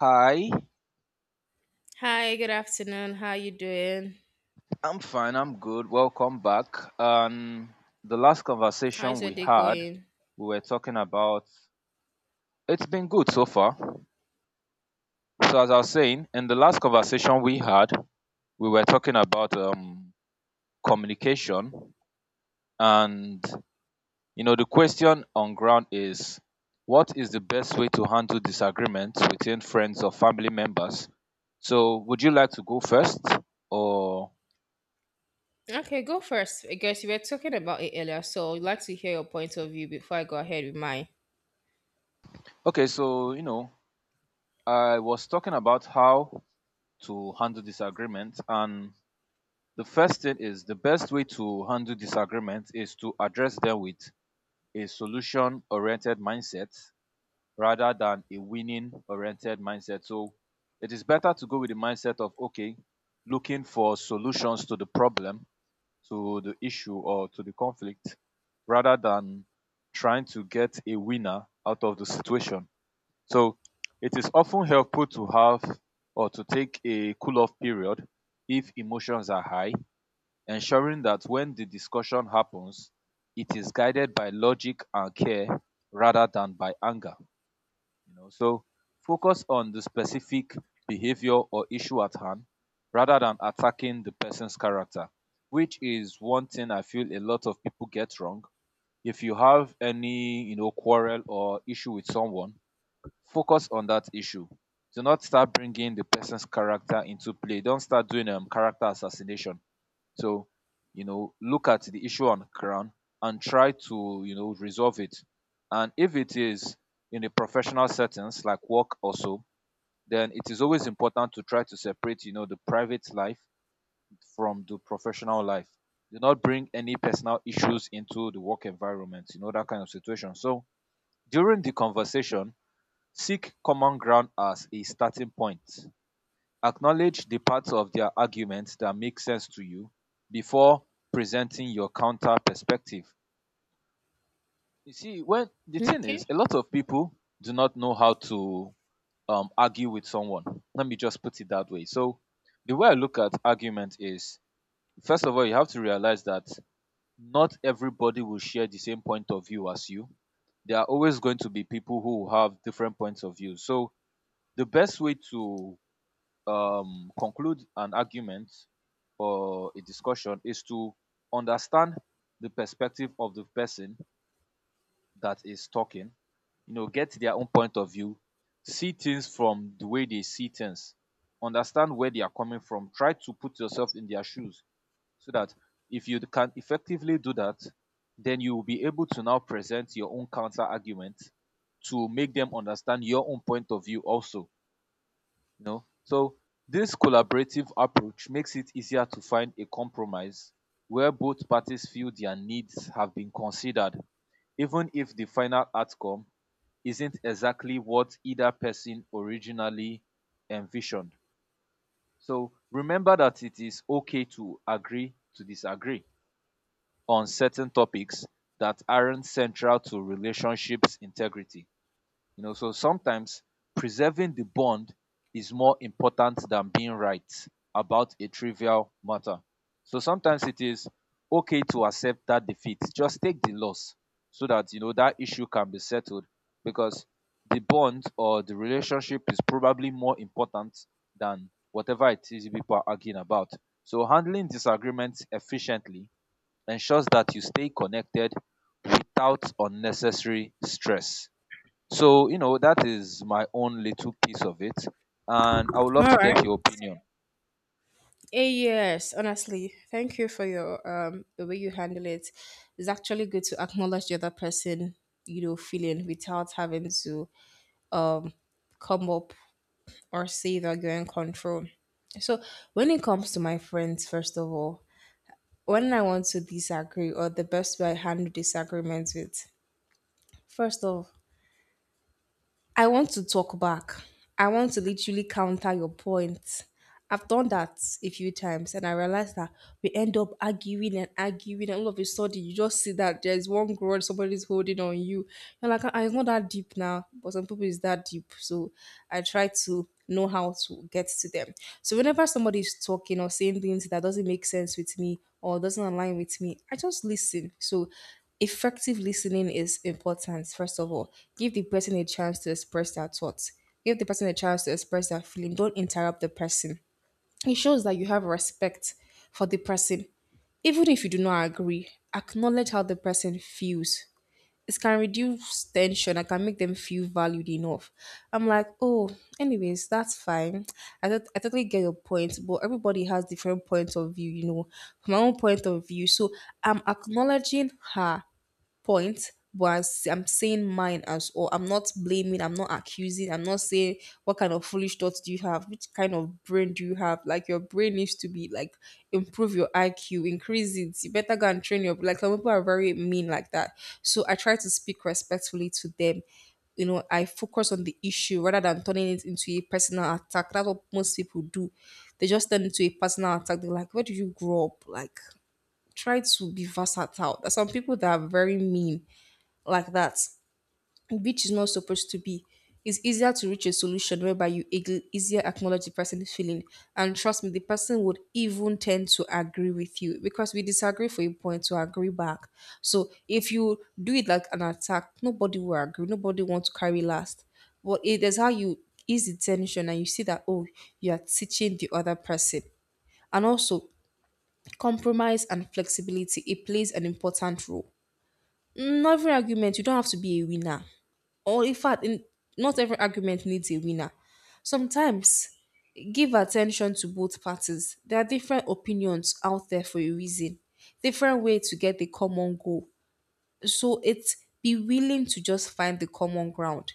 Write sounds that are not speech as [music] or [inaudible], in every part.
Hi, Hi, good afternoon. How you doing? I'm fine. I'm good. Welcome back. The last conversation How's your we day had, going? we were talking about, it's been good so far. So as I was saying, in the last conversation we had, we were talking about communication, and you know the question on ground is, what is the best way to handle disagreements between friends or family members? So would you like to go first, or? Okay, go first. I guess you were talking about it earlier, so I'd like to hear your point of view before I go ahead with mine. Okay. So you know I was talking about how to handle disagreement, and the first thing is the best way to handle disagreement is to address them with a solution oriented mindset rather than a winning oriented mindset. So it is better to go with the mindset of, okay, looking for solutions to the problem, to the issue, or to the conflict rather than trying to get a winner out of the situation. So it is often helpful to have or to take a cool off period if emotions are high, ensuring that when the discussion happens, it is guided by logic and care rather than by anger. So focus on the specific behavior or issue at hand rather than attacking the person's character, which is one thing I feel a lot of people get wrong. If you have any quarrel or issue with someone, focus on that issue. Do not start bringing the person's character into play. Don't start doing character assassination. So look at the issue on ground and try to resolve it. And if it is in a professional settings like work also, then it is always important to try to separate the private life from the professional life. Do not bring any personal issues into the work environment, you know, that kind of situation. So during the conversation, seek common ground as a starting point. Acknowledge the parts of their argument that make sense to you before presenting your counter perspective. You see, when the Hmm? thing Okay. is, a lot of people do not know how to argue with someone. Let me just put it that way. So, the way I look at argument is, first of all, you have to realize that not everybody will share the same point of view as you. There are always going to be people who have different points of view. So, the best way to conclude an argument or a discussion is to understand the perspective of the person that is talking, get their own point of view, see things from the way they see things, understand where they are coming from, try to put yourself in their shoes, so that if you can effectively do that, then you will be able to now present your own counter argument to make them understand your own point of view also. So this collaborative approach makes it easier to find a compromise where both parties feel their needs have been considered, even if the final outcome isn't exactly what either person originally envisioned. So remember that it is okay to agree to disagree on certain topics that aren't central to relationships integrity. So sometimes preserving the bond is more important than being right about a trivial matter. So sometimes it is okay to accept that defeat. Just take the loss so that you know that issue can be settled because the bond or the relationship is probably more important than whatever it is people are arguing about. So handling disagreements efficiently ensures that you stay connected without unnecessary stress. So that is my own little piece of it, and I would love All to right. get your opinion. Yes, honestly, thank you for your the way you handle it. It's actually good to acknowledge the other person, you know, feeling without having to come up or say that you're in control. So when it comes to my friends, first of all, when I want to disagree or the best way I handle disagreements with, first off, I want to talk back. I want to literally counter your point. I've done that a few times, and I realized that we end up arguing and arguing, and all of a sudden you just see that there's one grudge somebody's holding on you. You're like, "Ah, it's not that deep," now, but some people is that deep. So I try to know how to get to them. So whenever somebody is talking or saying things that doesn't make sense with me or doesn't align with me, I just listen. So effective listening is important, first of all. Give the person a chance to express their thoughts. Give the person a chance to express their feeling. Don't interrupt the person. It shows that you have respect for the person. Even if you do not agree, acknowledge how the person feels. It can reduce tension. I can make them feel valued enough. I'm like, oh, anyways, that's fine. I totally get your point, but everybody has different points of view, you know, from my own point of view. So I'm acknowledging her point, but I'm saying mine. As or I'm not blaming, I'm not accusing, I'm not saying what kind of foolish thoughts do you have, which kind of brain do you have? Like your brain needs to be like improve your IQ, increase it. You better go and train your like some people are very mean like that. So I try to speak respectfully to them, you know, I focus on the issue rather than turning it into a personal attack. That's what most people do. They just turn into a personal attack. They're like, where do you grow up? Like, try to be versatile. There's some people that are very mean like that, which is not supposed to be. It's easier to reach a solution whereby easier acknowledge the person's feeling. And trust me, the person would even tend to agree with you, because we disagree for a point to agree back. So if you do it like an attack, nobody will agree. Nobody wants to carry last. But it is how you ease the tension, and you see that, oh, you are teaching the other person. And also, compromise and flexibility, it plays an important role. Not every argument, you don't have to be a winner, or in fact, in not every argument needs a winner. Sometimes give attention to both parties. There are different opinions out there for a reason, different way to get the common goal. So it's be willing to just find the common ground,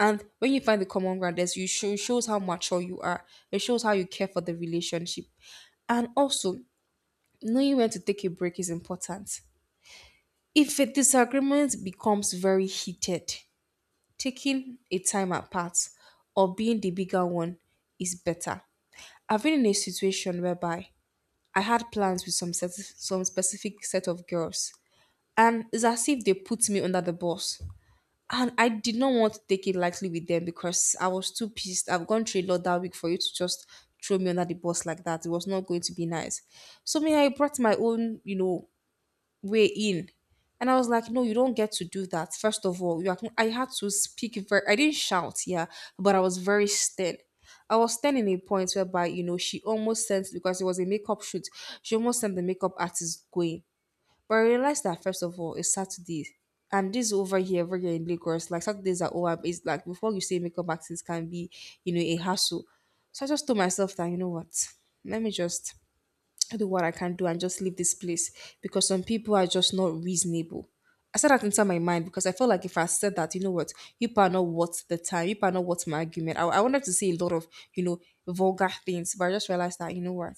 and when you find the common ground, there's you show, it shows how mature you are. It shows how you care for the relationship. And also, knowing when to take a break is important. If a disagreement becomes very heated, taking a time apart or being the bigger one is better. I've been in a situation whereby I had plans with some specific set of girls, and it's as if they put me under the bus. And I did not want to take it lightly with them because I was too pissed. I've gone through a lot that week for you to just throw me under the bus like that. It was not going to be nice. So me, I brought my own, you know, way in. And I was like, no, you don't get to do that. First of all, you are, I had to speak very, I didn't shout, yeah, but I was very stern. I was stern in a point whereby, you know, she almost sent, because it was a makeup shoot, she almost sent the makeup artist going. But I realized that, first of all, it's Saturday. And this over here in Lagos, like Saturdays are over. It's like before you say makeup artist can be, you know, a hassle. So I just told myself that, you know what, let me just I do what I can do and just leave this place, because some people are just not reasonable. I said that inside my mind, because I felt like if I said that, you know what, you are not worth the time, you are not worth my argument. I wanted to say a lot of, you know, vulgar things, but I just realized that, you know what,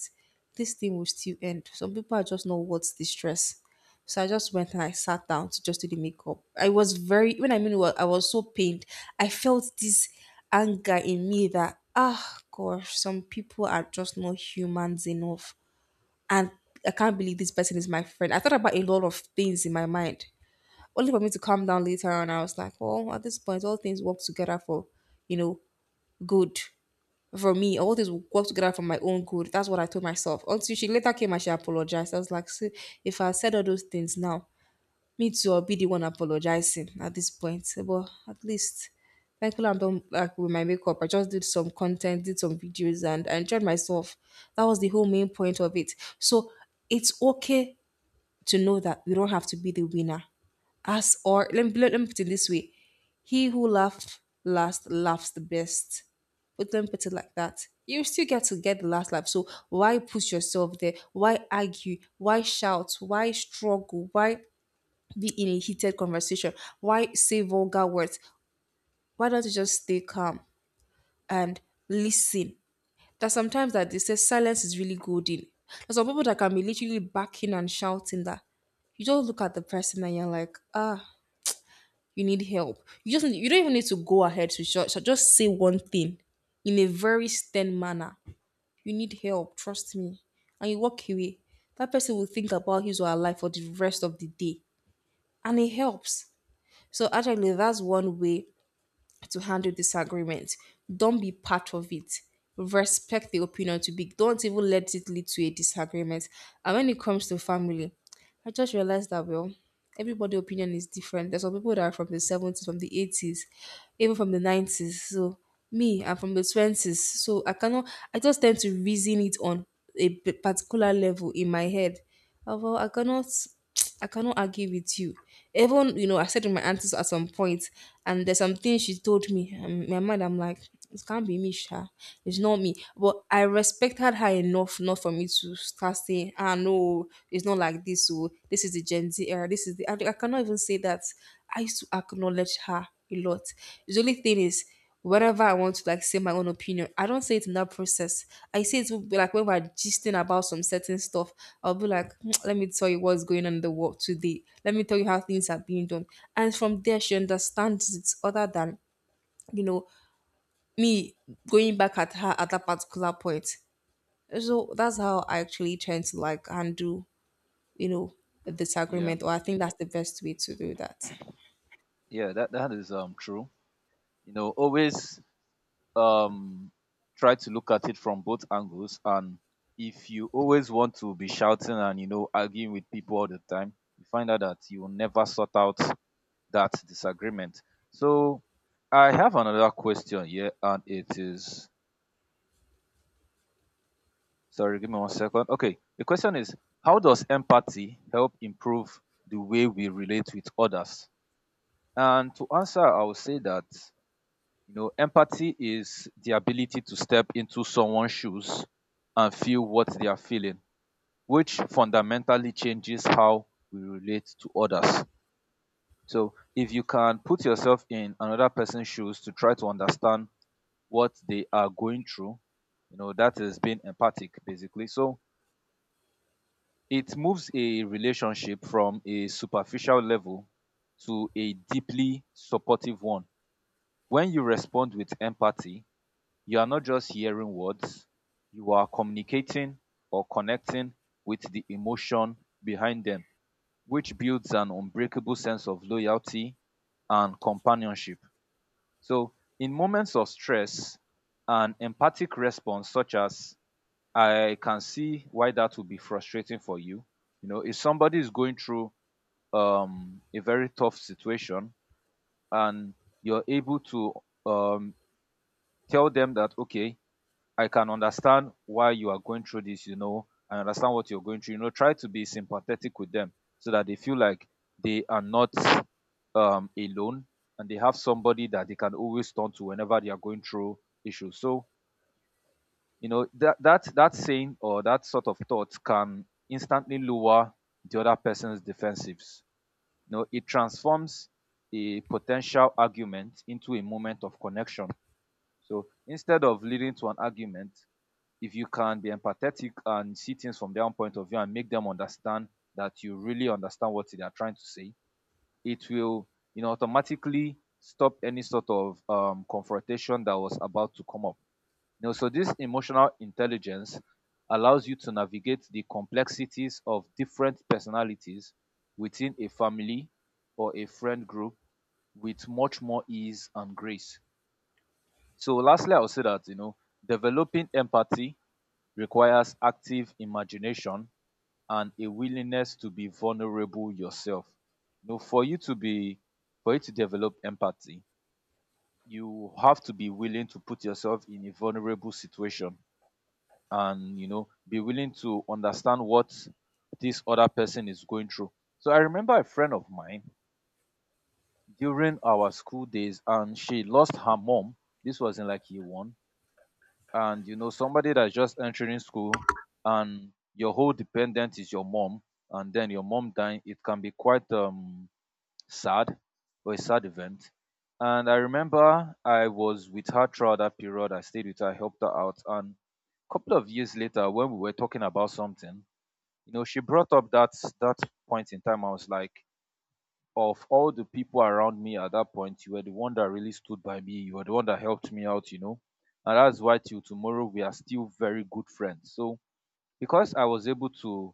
this thing will still end. Some people are just not worth the stress. So I just went and I sat down to just do the makeup. I was very, when I mean, well, I was so pained. I felt this anger in me that, ah, gosh, some people are just not humans enough, and I can't believe this person is my friend. I thought about a lot of things in my mind, only for me to calm down later on. I was like, well, at this point, all things work together for, you know, good for me. All things work together for my own good. That's what I told myself. Until she later came and she apologized. I was like, see, if I said all those things now, me too, I'll be the one apologizing at this point. But at least, thankfully, I'm done like with my makeup. I just did some content, did some videos, and I enjoyed myself. That was the whole main point of it. So it's okay to know that we don't have to be the winner. As or let me put it this way: he who laughs last laughs the best, but let me put it like that. You still get to get the last laugh. So why push yourself there? Why argue? Why shout? Why struggle? Why be in a heated conversation? Why say vulgar words? Why don't you just stay calm and listen? That sometimes that they say silence is really golden. There's some people that can be literally backing and shouting that you just look at the person and you're like, ah, you need help. You don't even need to go ahead to shout. So just say one thing in a very stern manner. You need help, trust me. And you walk away. That person will think about his or her life for the rest of the day. And it helps. So actually that's one way to handle disagreement. Don't be part of it. Respect the opinion to be. Don't even let it lead to a disagreement. And when it comes to family, I just realized that well, everybody' opinion is different. There's some people that are from the 70s, from the 80s, even from the 90s. So me, I'm from the 20s. So I cannot. I just tend to reason it on particular level in my head. Well, I cannot. I cannot argue with you. Even you know, I said to my aunties at some point, and there's something she told me. And in my mind, I'm like, it can't be me, Sha. It's not me. But I respected her enough, not for me to start saying, ah, no, it's not like this. So this is the Gen Z era. This is the. I cannot even say that. I used to acknowledge her a lot. The only thing is whatever I want to like say my own opinion, I don't say it in that process. I say it would be like when we're gisting about some certain stuff. I'll be like, "Mm, let me tell you what's going on in the world today. Let me tell you how things are being done." And from there she understands it, other than, you know, me going back at her at that particular point. So that's how I actually tend to like handle, you know, a Yeah, disagreement. Or I think that's the best way to do that. yeah, that is true. Always um try to look at it from both angles, and if you always want to be shouting and arguing with people all the time, you find out that you will never sort out that disagreement. So, I have another question here, and it is, sorry, give me one second. Okay, the question is, how does empathy help improve the way we relate with others? And to answer, I would say that you know empathy is the ability to step into someone's shoes and feel what they are feeling, which fundamentally changes how we relate to others. So if you can put yourself in another person's shoes to try to understand what they are going through, you know that is being empathic basically. So it moves a relationship from a superficial level to a deeply supportive one. When you respond with empathy, you are not just hearing words, you are communicating or connecting with the emotion behind them, which builds an unbreakable sense of loyalty and companionship. So, in moments of stress, an empathic response such as, I can see why that would be frustrating for you. If somebody is going through a very tough situation and you're able to um, tell them that, okay, I can understand why you are going through this, I understand what you're going through, try to be sympathetic with them so that they feel like they are not alone and they have somebody that they can always turn to whenever they are going through issues. So, you know that that saying or that sort of thought can instantly lower the other person's defensives. You know it transforms a potential argument into a moment of connection. So instead of leading to an argument, if you can be empathetic and see things from their own point of view and make them understand that you really understand what they are trying to say, it will automatically stop any sort of confrontation that was about to come up now. So this emotional intelligence allows you to navigate the complexities of different personalities within a family or a friend group with much more ease and grace. So lastly, I'll say that developing empathy requires active imagination and a willingness to be vulnerable yourself. You know, for you to be for you to develop empathy, you have to be willing to put yourself in a vulnerable situation and be willing to understand what this other person is going through. So I remember a friend of mine during our school days, and she lost her mom. This was in like year one, and you know somebody that's just entering school, and your whole dependent is your mom, and then your mom dying. It can be quite sad, or a sad event. And I remember I was with her throughout that period. I stayed with her, helped her out, and a couple of years later, when we were talking about something, you know she brought up that point in time. I was like, of all the people around me at that point, you were the one that really stood by me. You were the one that helped me out, you know. And that's why till tomorrow we are still very good friends. So because I was able to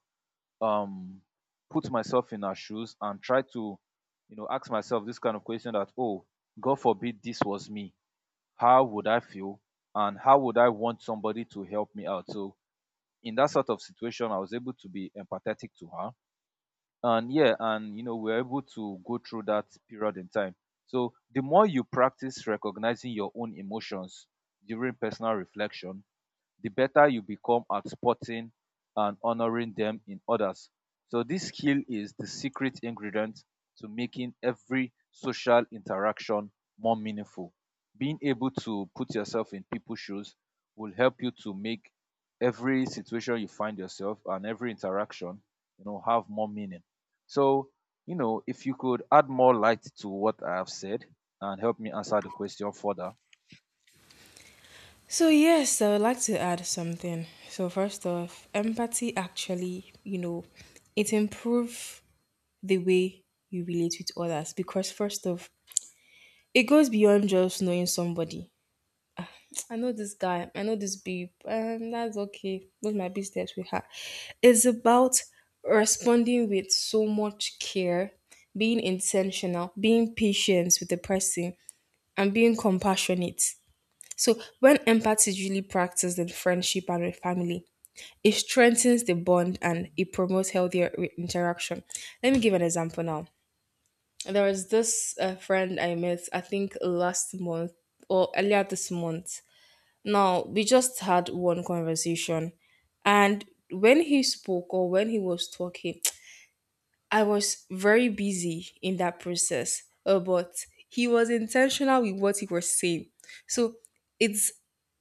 um put myself in her shoes and try to ask myself this kind of question that, oh, God forbid this was me, how would I feel, and how would I want somebody to help me out. So in that sort of situation, I was able to be empathetic to her. And yeah, and you know we're able to go through that period in time. So the more you practice recognizing your own emotions during personal reflection, the better you become at spotting and honoring them in others. So this skill is the secret ingredient to making every social interaction more meaningful. Being able to put yourself in people's shoes will help you to make every situation you find yourself and every interaction, have more meaning. So, if you could add more light to what I have said and help me answer the question further. So yes, I would like to add something. So first off, empathy actually, you know, it improves the way you relate with others, because first off, it goes beyond just knowing somebody. I know this guy, I know this babe, that's okay. Those my business with her. It's about responding with so much care, being intentional, being patient with the person, and being compassionate. So when empathy is really practiced in friendship and with family, it strengthens the bond and it promotes healthier interaction. Let me give an example now. There was this friend I met, I think last month or earlier this month. Now, we just had one conversation, and when he spoke or when he was talking, I was very busy in that process, but he was intentional with what he was saying. So it's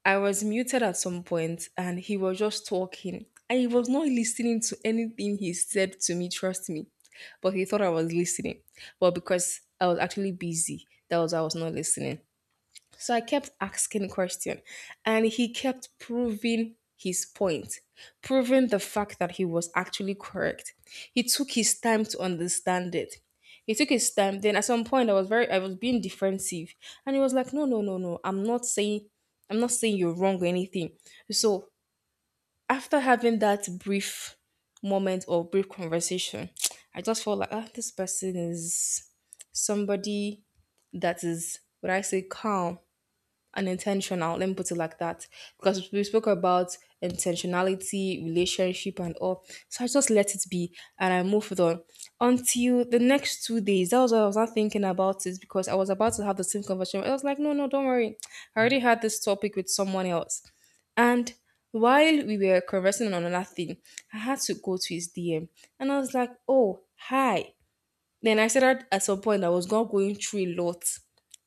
I was muted at some point and he was just talking and he was not listening to anything he said to me, trust me. But he thought I was listening. But because I was actually busy, that was why I was not listening. So I kept asking questions, and he kept proving his point, proving the fact that he was actually correct. He took his time to understand it. He took his time. Then at some point I was being defensive and he was like, "No, no, no, no. I'm not saying you're wrong or anything." So, after having that brief moment or brief conversation, [tsk] I just felt like, "Ah, this person is somebody that is, would I say, calm unintentional. Let me put it like that. Because we spoke about intentionality, relationship, and all." So I just let it be and I moved on until the next 2 days. That was what I was not thinking about it because I was about to have the same conversation. I was like, no, no, don't worry. I already had this topic with someone else. And while we were conversing on another thing, I had to go to his DM and I was like, oh, hi. Then I said started at some point I was not going through a lot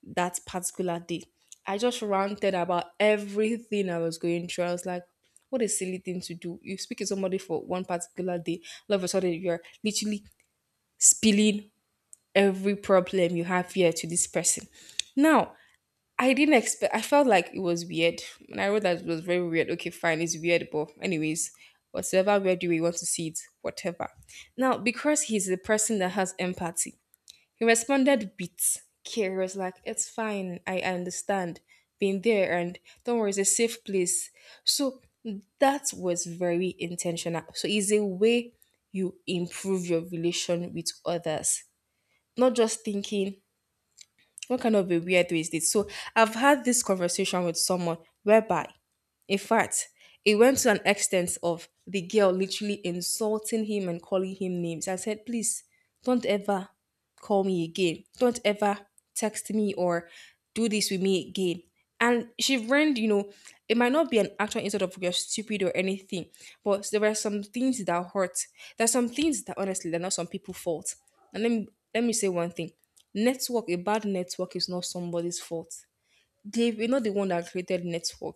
that particular day. I just ranted about everything I was going through. I was like, what a silly thing to do. You speak to somebody for one particular day, all of a sudden you're literally spilling every problem you have here to this person. Now, I didn't expect I felt like it was weird. When I wrote that, it was very weird. Okay, fine, it's weird, but anyways, whatever weird way you want to see it, whatever. Now, because he's the person that has empathy, he responded with care. He was like, "It's fine. I understand. Been there and don't worry, it's a safe place." So that was very intentional. So it's a way you improve your relation with others. Not just thinking, what kind of a weirdo is this? So I've had this conversation with someone whereby, in fact, it went to an extent of the girl literally insulting him and calling him names. I said, please don't ever call me again. Don't ever text me or do this with me again. And she learned, you know, it might not be an actual insult of you're stupid or anything, but there were some things that hurt. There's some things that honestly they're not some people's fault. And let me say one thing. Network, a bad network is not somebody's fault, they were not the one that created network.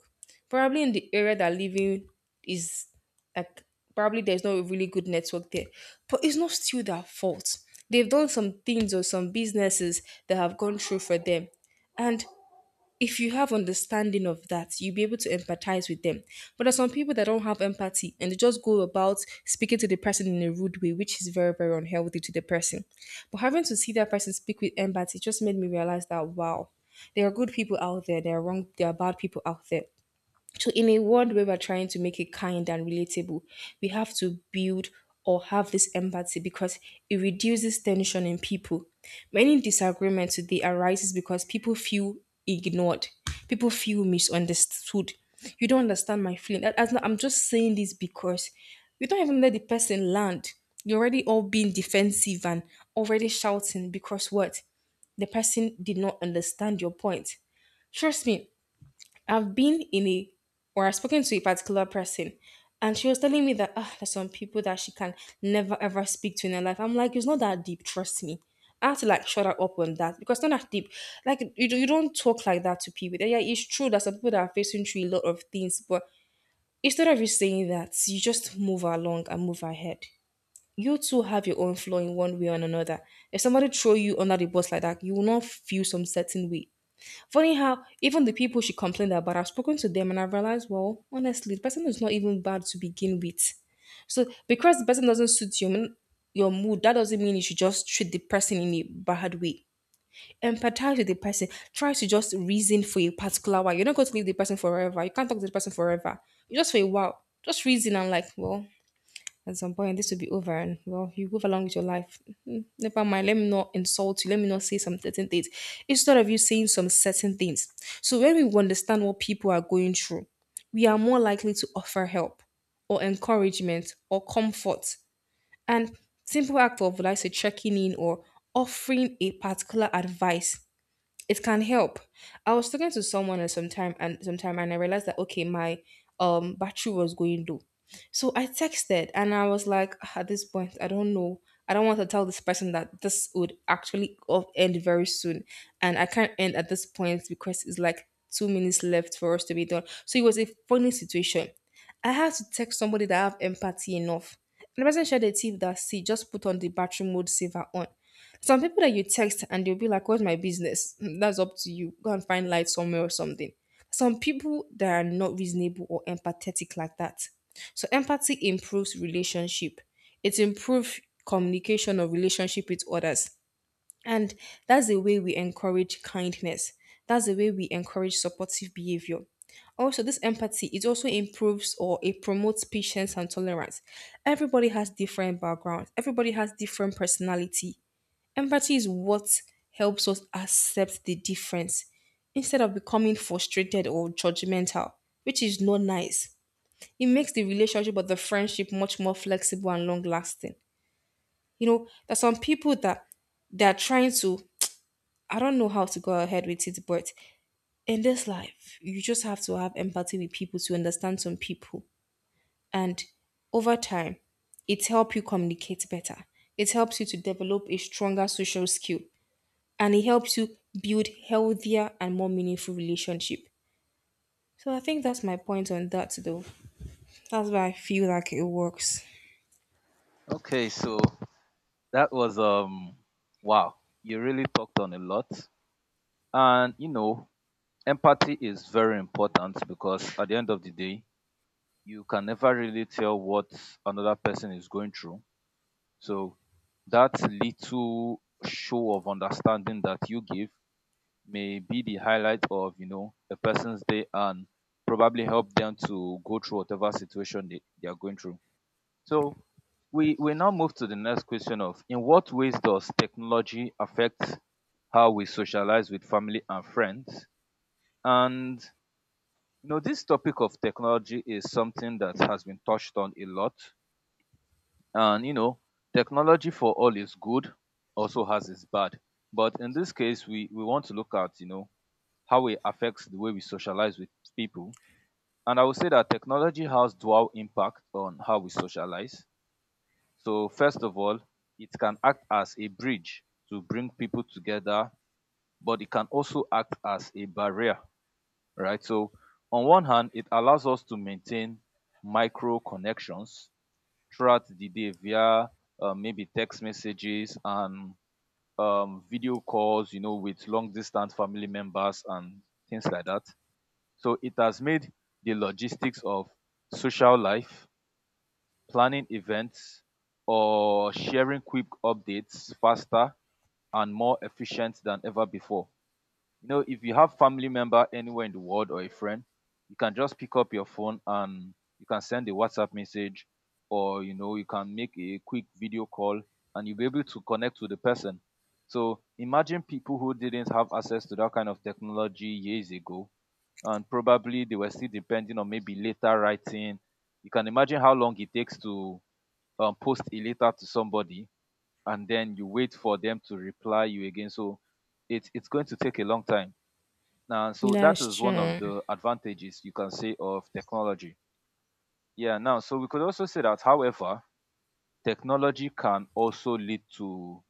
Probably in the area that living is like probably there's not a really good network there. But it's not still their fault. They've done some things or some businesses that have gone through for them. And if you have understanding of that, you'll be able to empathize with them. But there's some people that don't have empathy and they just go about speaking to the person in a rude way, which is very, very unhealthy to the person. But having to see that person speak with empathy just made me realize that wow, there are good people out there, there are wrong, there are bad people out there. So, in a world where we're trying to make it kind and relatable, we have to build or have this empathy because it reduces tension in people. Many disagreements today arises because people feel ignored, people feel misunderstood. You don't understand my feeling. That- that's not- I'm just saying this because you don't even let the person land. You're already all being defensive and already shouting because what? The person did not understand your point. Trust me, I've been in a or I've spoken to a particular person and she was telling me that ah, there's some people that she can never ever speak to in her life. I'm like, it's not that deep, trust me. I had to like shut her up on that because it's not that deep. Like you, you don't talk like that to people. Yeah, yeah, it's true that some people that are facing through a lot of things, but instead of you saying that, you just move along and move ahead. You too have your own flaw in one way or another. If somebody throw you under the bus like that, you will not feel some certain way. Funny how even the people she complained about, I've spoken to them and I've realized, well, honestly, the person is not even bad to begin with. So because the person doesn't suit your mood, that doesn't mean you should just treat the person in a bad way. Empathize with the person. Try to just reason for a particular while. You're not going to leave the person forever. You can't talk to the person forever. Just for a while. Just reason and like, well, at some point this will be over and well you move along with your life. Mm, never mind, let me not insult you, let me not say some certain things instead of you saying some certain things. So when we understand what people are going through, we are more likely to offer help or encouragement or comfort, and simple act of like say checking in or offering a particular advice, it can help. I was talking to someone at some time and sometime and I realized that okay, my battery was going low. So I texted and I was like, "Ah, at this point, I don't know. I don't want to tell this person that this would actually end very soon. And I can't end at this point because it's like 2 minutes left for us to be done." So it was a funny situation. I had to text somebody that I have empathy enough. And the person shared a tip that she just put on the battery mode saver on. Some people that you text and they'll be like, "What's my business? [laughs] That's up to you. Go and find light somewhere or something." Some people that are not reasonable or empathetic like that. So empathy improves relationship. It improves communication or relationship with others. And that's the way we encourage kindness. That's the way we encourage supportive behavior. Also, this empathy, it also improves or it promotes patience and tolerance. Everybody has different backgrounds. Everybody has different personality. Empathy is what helps us accept the difference instead of becoming frustrated or judgmental, which is not nice. It makes the relationship or the friendship much more flexible and long lasting. You know, there's some people that they're trying to, I don't know how to go ahead with it, but in this life, you just have to have empathy with people to understand some people. And over time, it helps you communicate better. It helps you to develop a stronger social skill, and it helps you build healthier and more meaningful relationship. So I think that's my point on that though. That's why I feel like it works. Okay, so that was wow. You really talked on a lot. And empathy is very important because at the end of the day, you can never really tell what another person is going through. So that little show of understanding that you give may be the highlight of a person's day and probably help them to go through whatever situation they are going through. So we now move to the next question of, in what ways does technology affect how we socialize with family and friends? And this topic of technology is something that has been touched on a lot. And technology for all is good, also has its bad. But in this case, we want to look at, how it affects the way we socialize with people. And I would say that technology has dual impact on how we socialize. So first of all, it can act as a bridge to bring people together, but it can also act as a barrier, right? So on one hand, it allows us to maintain micro connections throughout the day via maybe text messages and video calls, you know, with long distance family members and things like that. So it has made the logistics of social life, planning events, or sharing quick updates faster and more efficient than ever before. You know, if you have family member anywhere in the world or a friend, you can just pick up your phone and you can send a WhatsApp message, or you know, you can make a quick video call and you'll be able to connect with the person. So imagine people who didn't have access to that kind of technology years ago, and probably they were still depending on maybe later writing. You can imagine how long it takes to post a letter to somebody and then you wait for them to reply you again, so it's going to take a long time now. So that That's is one of true. the advantages you can say of technology. Yeah, now so we could also say that, however, technology can also lead to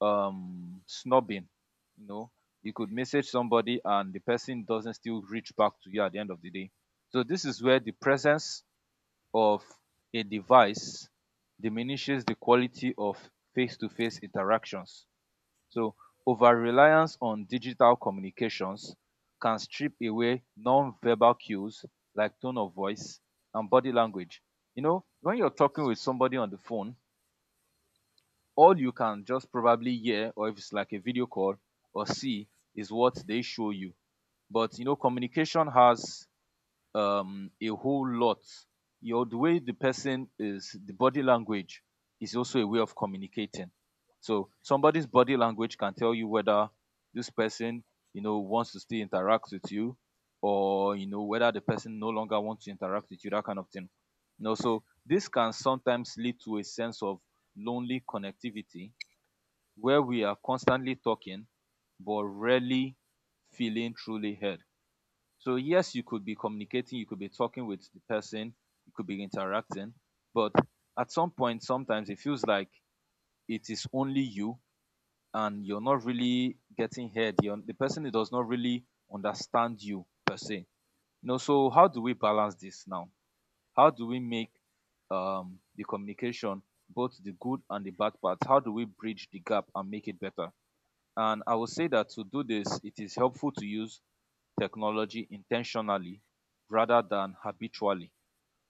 snubbing, you know, you could message somebody and the person doesn't still reach back to you at the end of the day. So this is where the presence of a device diminishes the quality of face-to-face interactions. So over-reliance on digital communications can strip away non-verbal cues like tone of voice and body language. You know, when you're talking with somebody on the phone, all you can just probably hear, or if it's like a video call or see, is what they show you. But you know, communication has a whole lot. Your the way the person is, the body language is also a way of communicating. So somebody's body language can tell you whether this person, you know, wants to still interact with you, or you know whether the person no longer wants to interact with you, that kind of thing. You know, so this can sometimes lead to a sense of lonely connectivity, where we are constantly talking but rarely feeling truly heard. So yes, you could be communicating, you could be talking with the person, you could be interacting, but at some point, sometimes it feels like it is only you and you're not really getting heard. You're, the person does not really understand you per se. You know, so how do we balance this now? How do we make the communication, both the good and the bad parts, how do we bridge the gap and make it better? And I will say that to do this, it is helpful to use technology intentionally rather than habitually.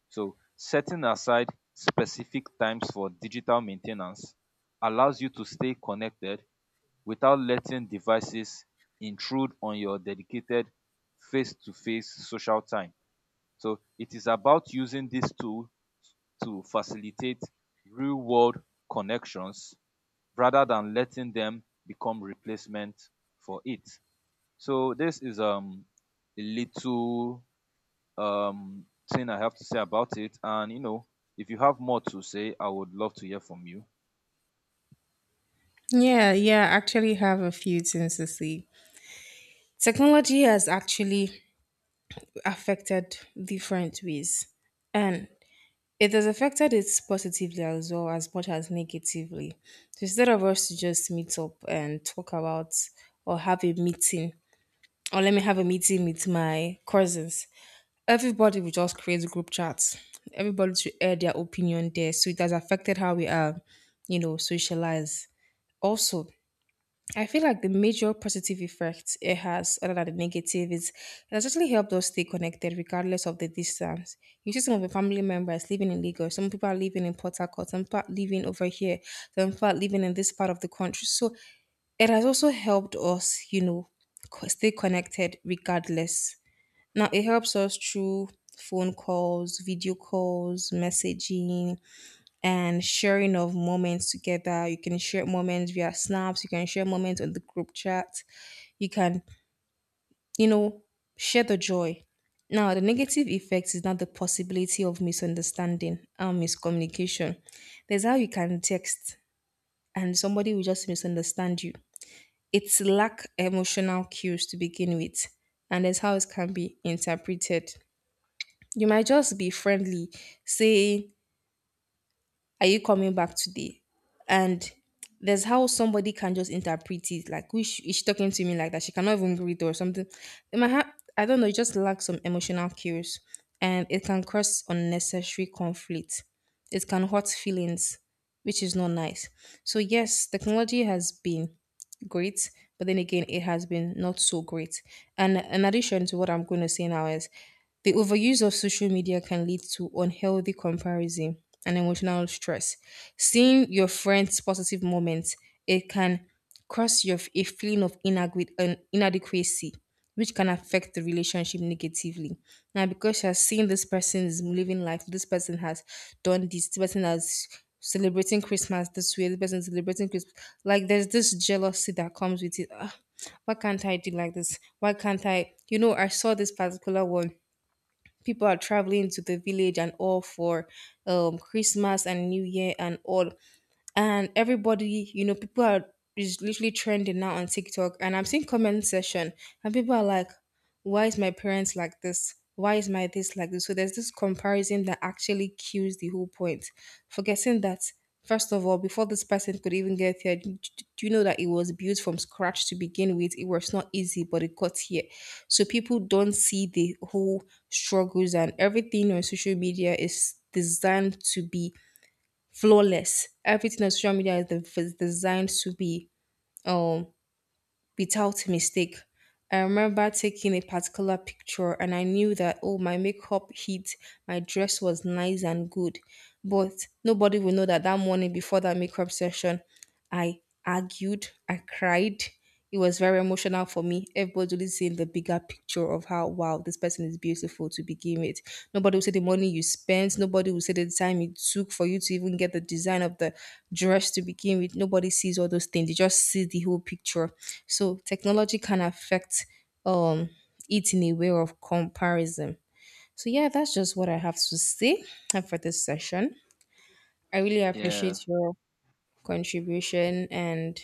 So, setting aside specific times for digital maintenance allows you to stay connected without letting devices intrude on your dedicated face to face social time. So, it is about using this tool to facilitate real world connections rather than letting them become replacement for it. So this is a little um thing I have to say about it. And you know, if you have more to say, I would love to hear from you. Yeah, yeah, I actually have a few things to say. Technology has actually affected different ways, and it has affected it positively as well as much as negatively. So instead of us to just meet up and talk about or have a meeting, or let me have a meeting with my cousins, everybody will just create group chats. Everybody to air their opinion there. So it has affected how we are, you know, socialize. Also, I feel like the major positive effect it has, other than the negative, is it has actually helped us stay connected regardless of the distance. You see, some of the family members living in Lagos, some people are living in Port Harcourt, some people are living over here, some people are living in this part of the country. So it has also helped us, you know, stay connected regardless. Now it helps us through phone calls, video calls, messaging, and sharing of moments together. You can share moments via snaps, you can share moments on the group chat, you can, you know, share the joy. Now, the negative effect is not the possibility of misunderstanding and miscommunication. There's how you can text and somebody will just misunderstand you. It's lack emotional cues to begin with, and that's how it can be interpreted. You might just be friendly, say, "Are you coming back today?" And there's how somebody can just interpret it. Like, which is she talking to me like that? She cannot even greet or something. They might have, I don't know, it just lacks some emotional cues and it can cause unnecessary conflict. It can hurt feelings, which is not nice. So, yes, technology has been great, but then again it has been not so great. And in addition to what I'm going to say now is the overuse of social media can lead to unhealthy comparison and emotional stress. Seeing your friends positive moments, it can cause your a feeling of inadequacy, which can affect the relationship negatively. Now, because she has seen this person is living life, this person has done this, this person has celebrating Christmas this way, this person is celebrating Christmas. Like, there's this jealousy that comes with it. Ah, why can't I do like this? Why can't I? You know, I saw this particular one. People are traveling to the village and all for Christmas and New Year and all, and everybody, you know, people are is literally trending now on TikTok and I'm seeing comment session, and people are like, why is my parents like this, why is my this like this? So there's this comparison that actually kills the whole point, forgetting that first of all before this person could even get here, do you know that it was built from scratch to begin with? It was not easy but it got here. So people don't see the whole struggles, and everything on social media is designed to be flawless. Everything on social media is, the, is designed to be um without mistake. I remember taking a particular picture and I knew that oh my makeup hit, my dress was nice and good, but nobody will know that that morning before that makeup session I argued, I cried. It was very emotional for me. Everybody was seeing the bigger picture of how wow this person is beautiful to begin with. Nobody will say the money you spent. Nobody will say the time it took for you to even get the design of the dress to begin with. Nobody sees all those things. They just see the whole picture. So technology can affect um it in a way of comparison. So yeah, that's just what I have to say for this session. I really Yeah, appreciate your contribution, and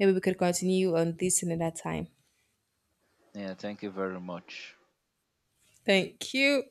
maybe we could continue on this another time. yeah, thank you very much. Thank you.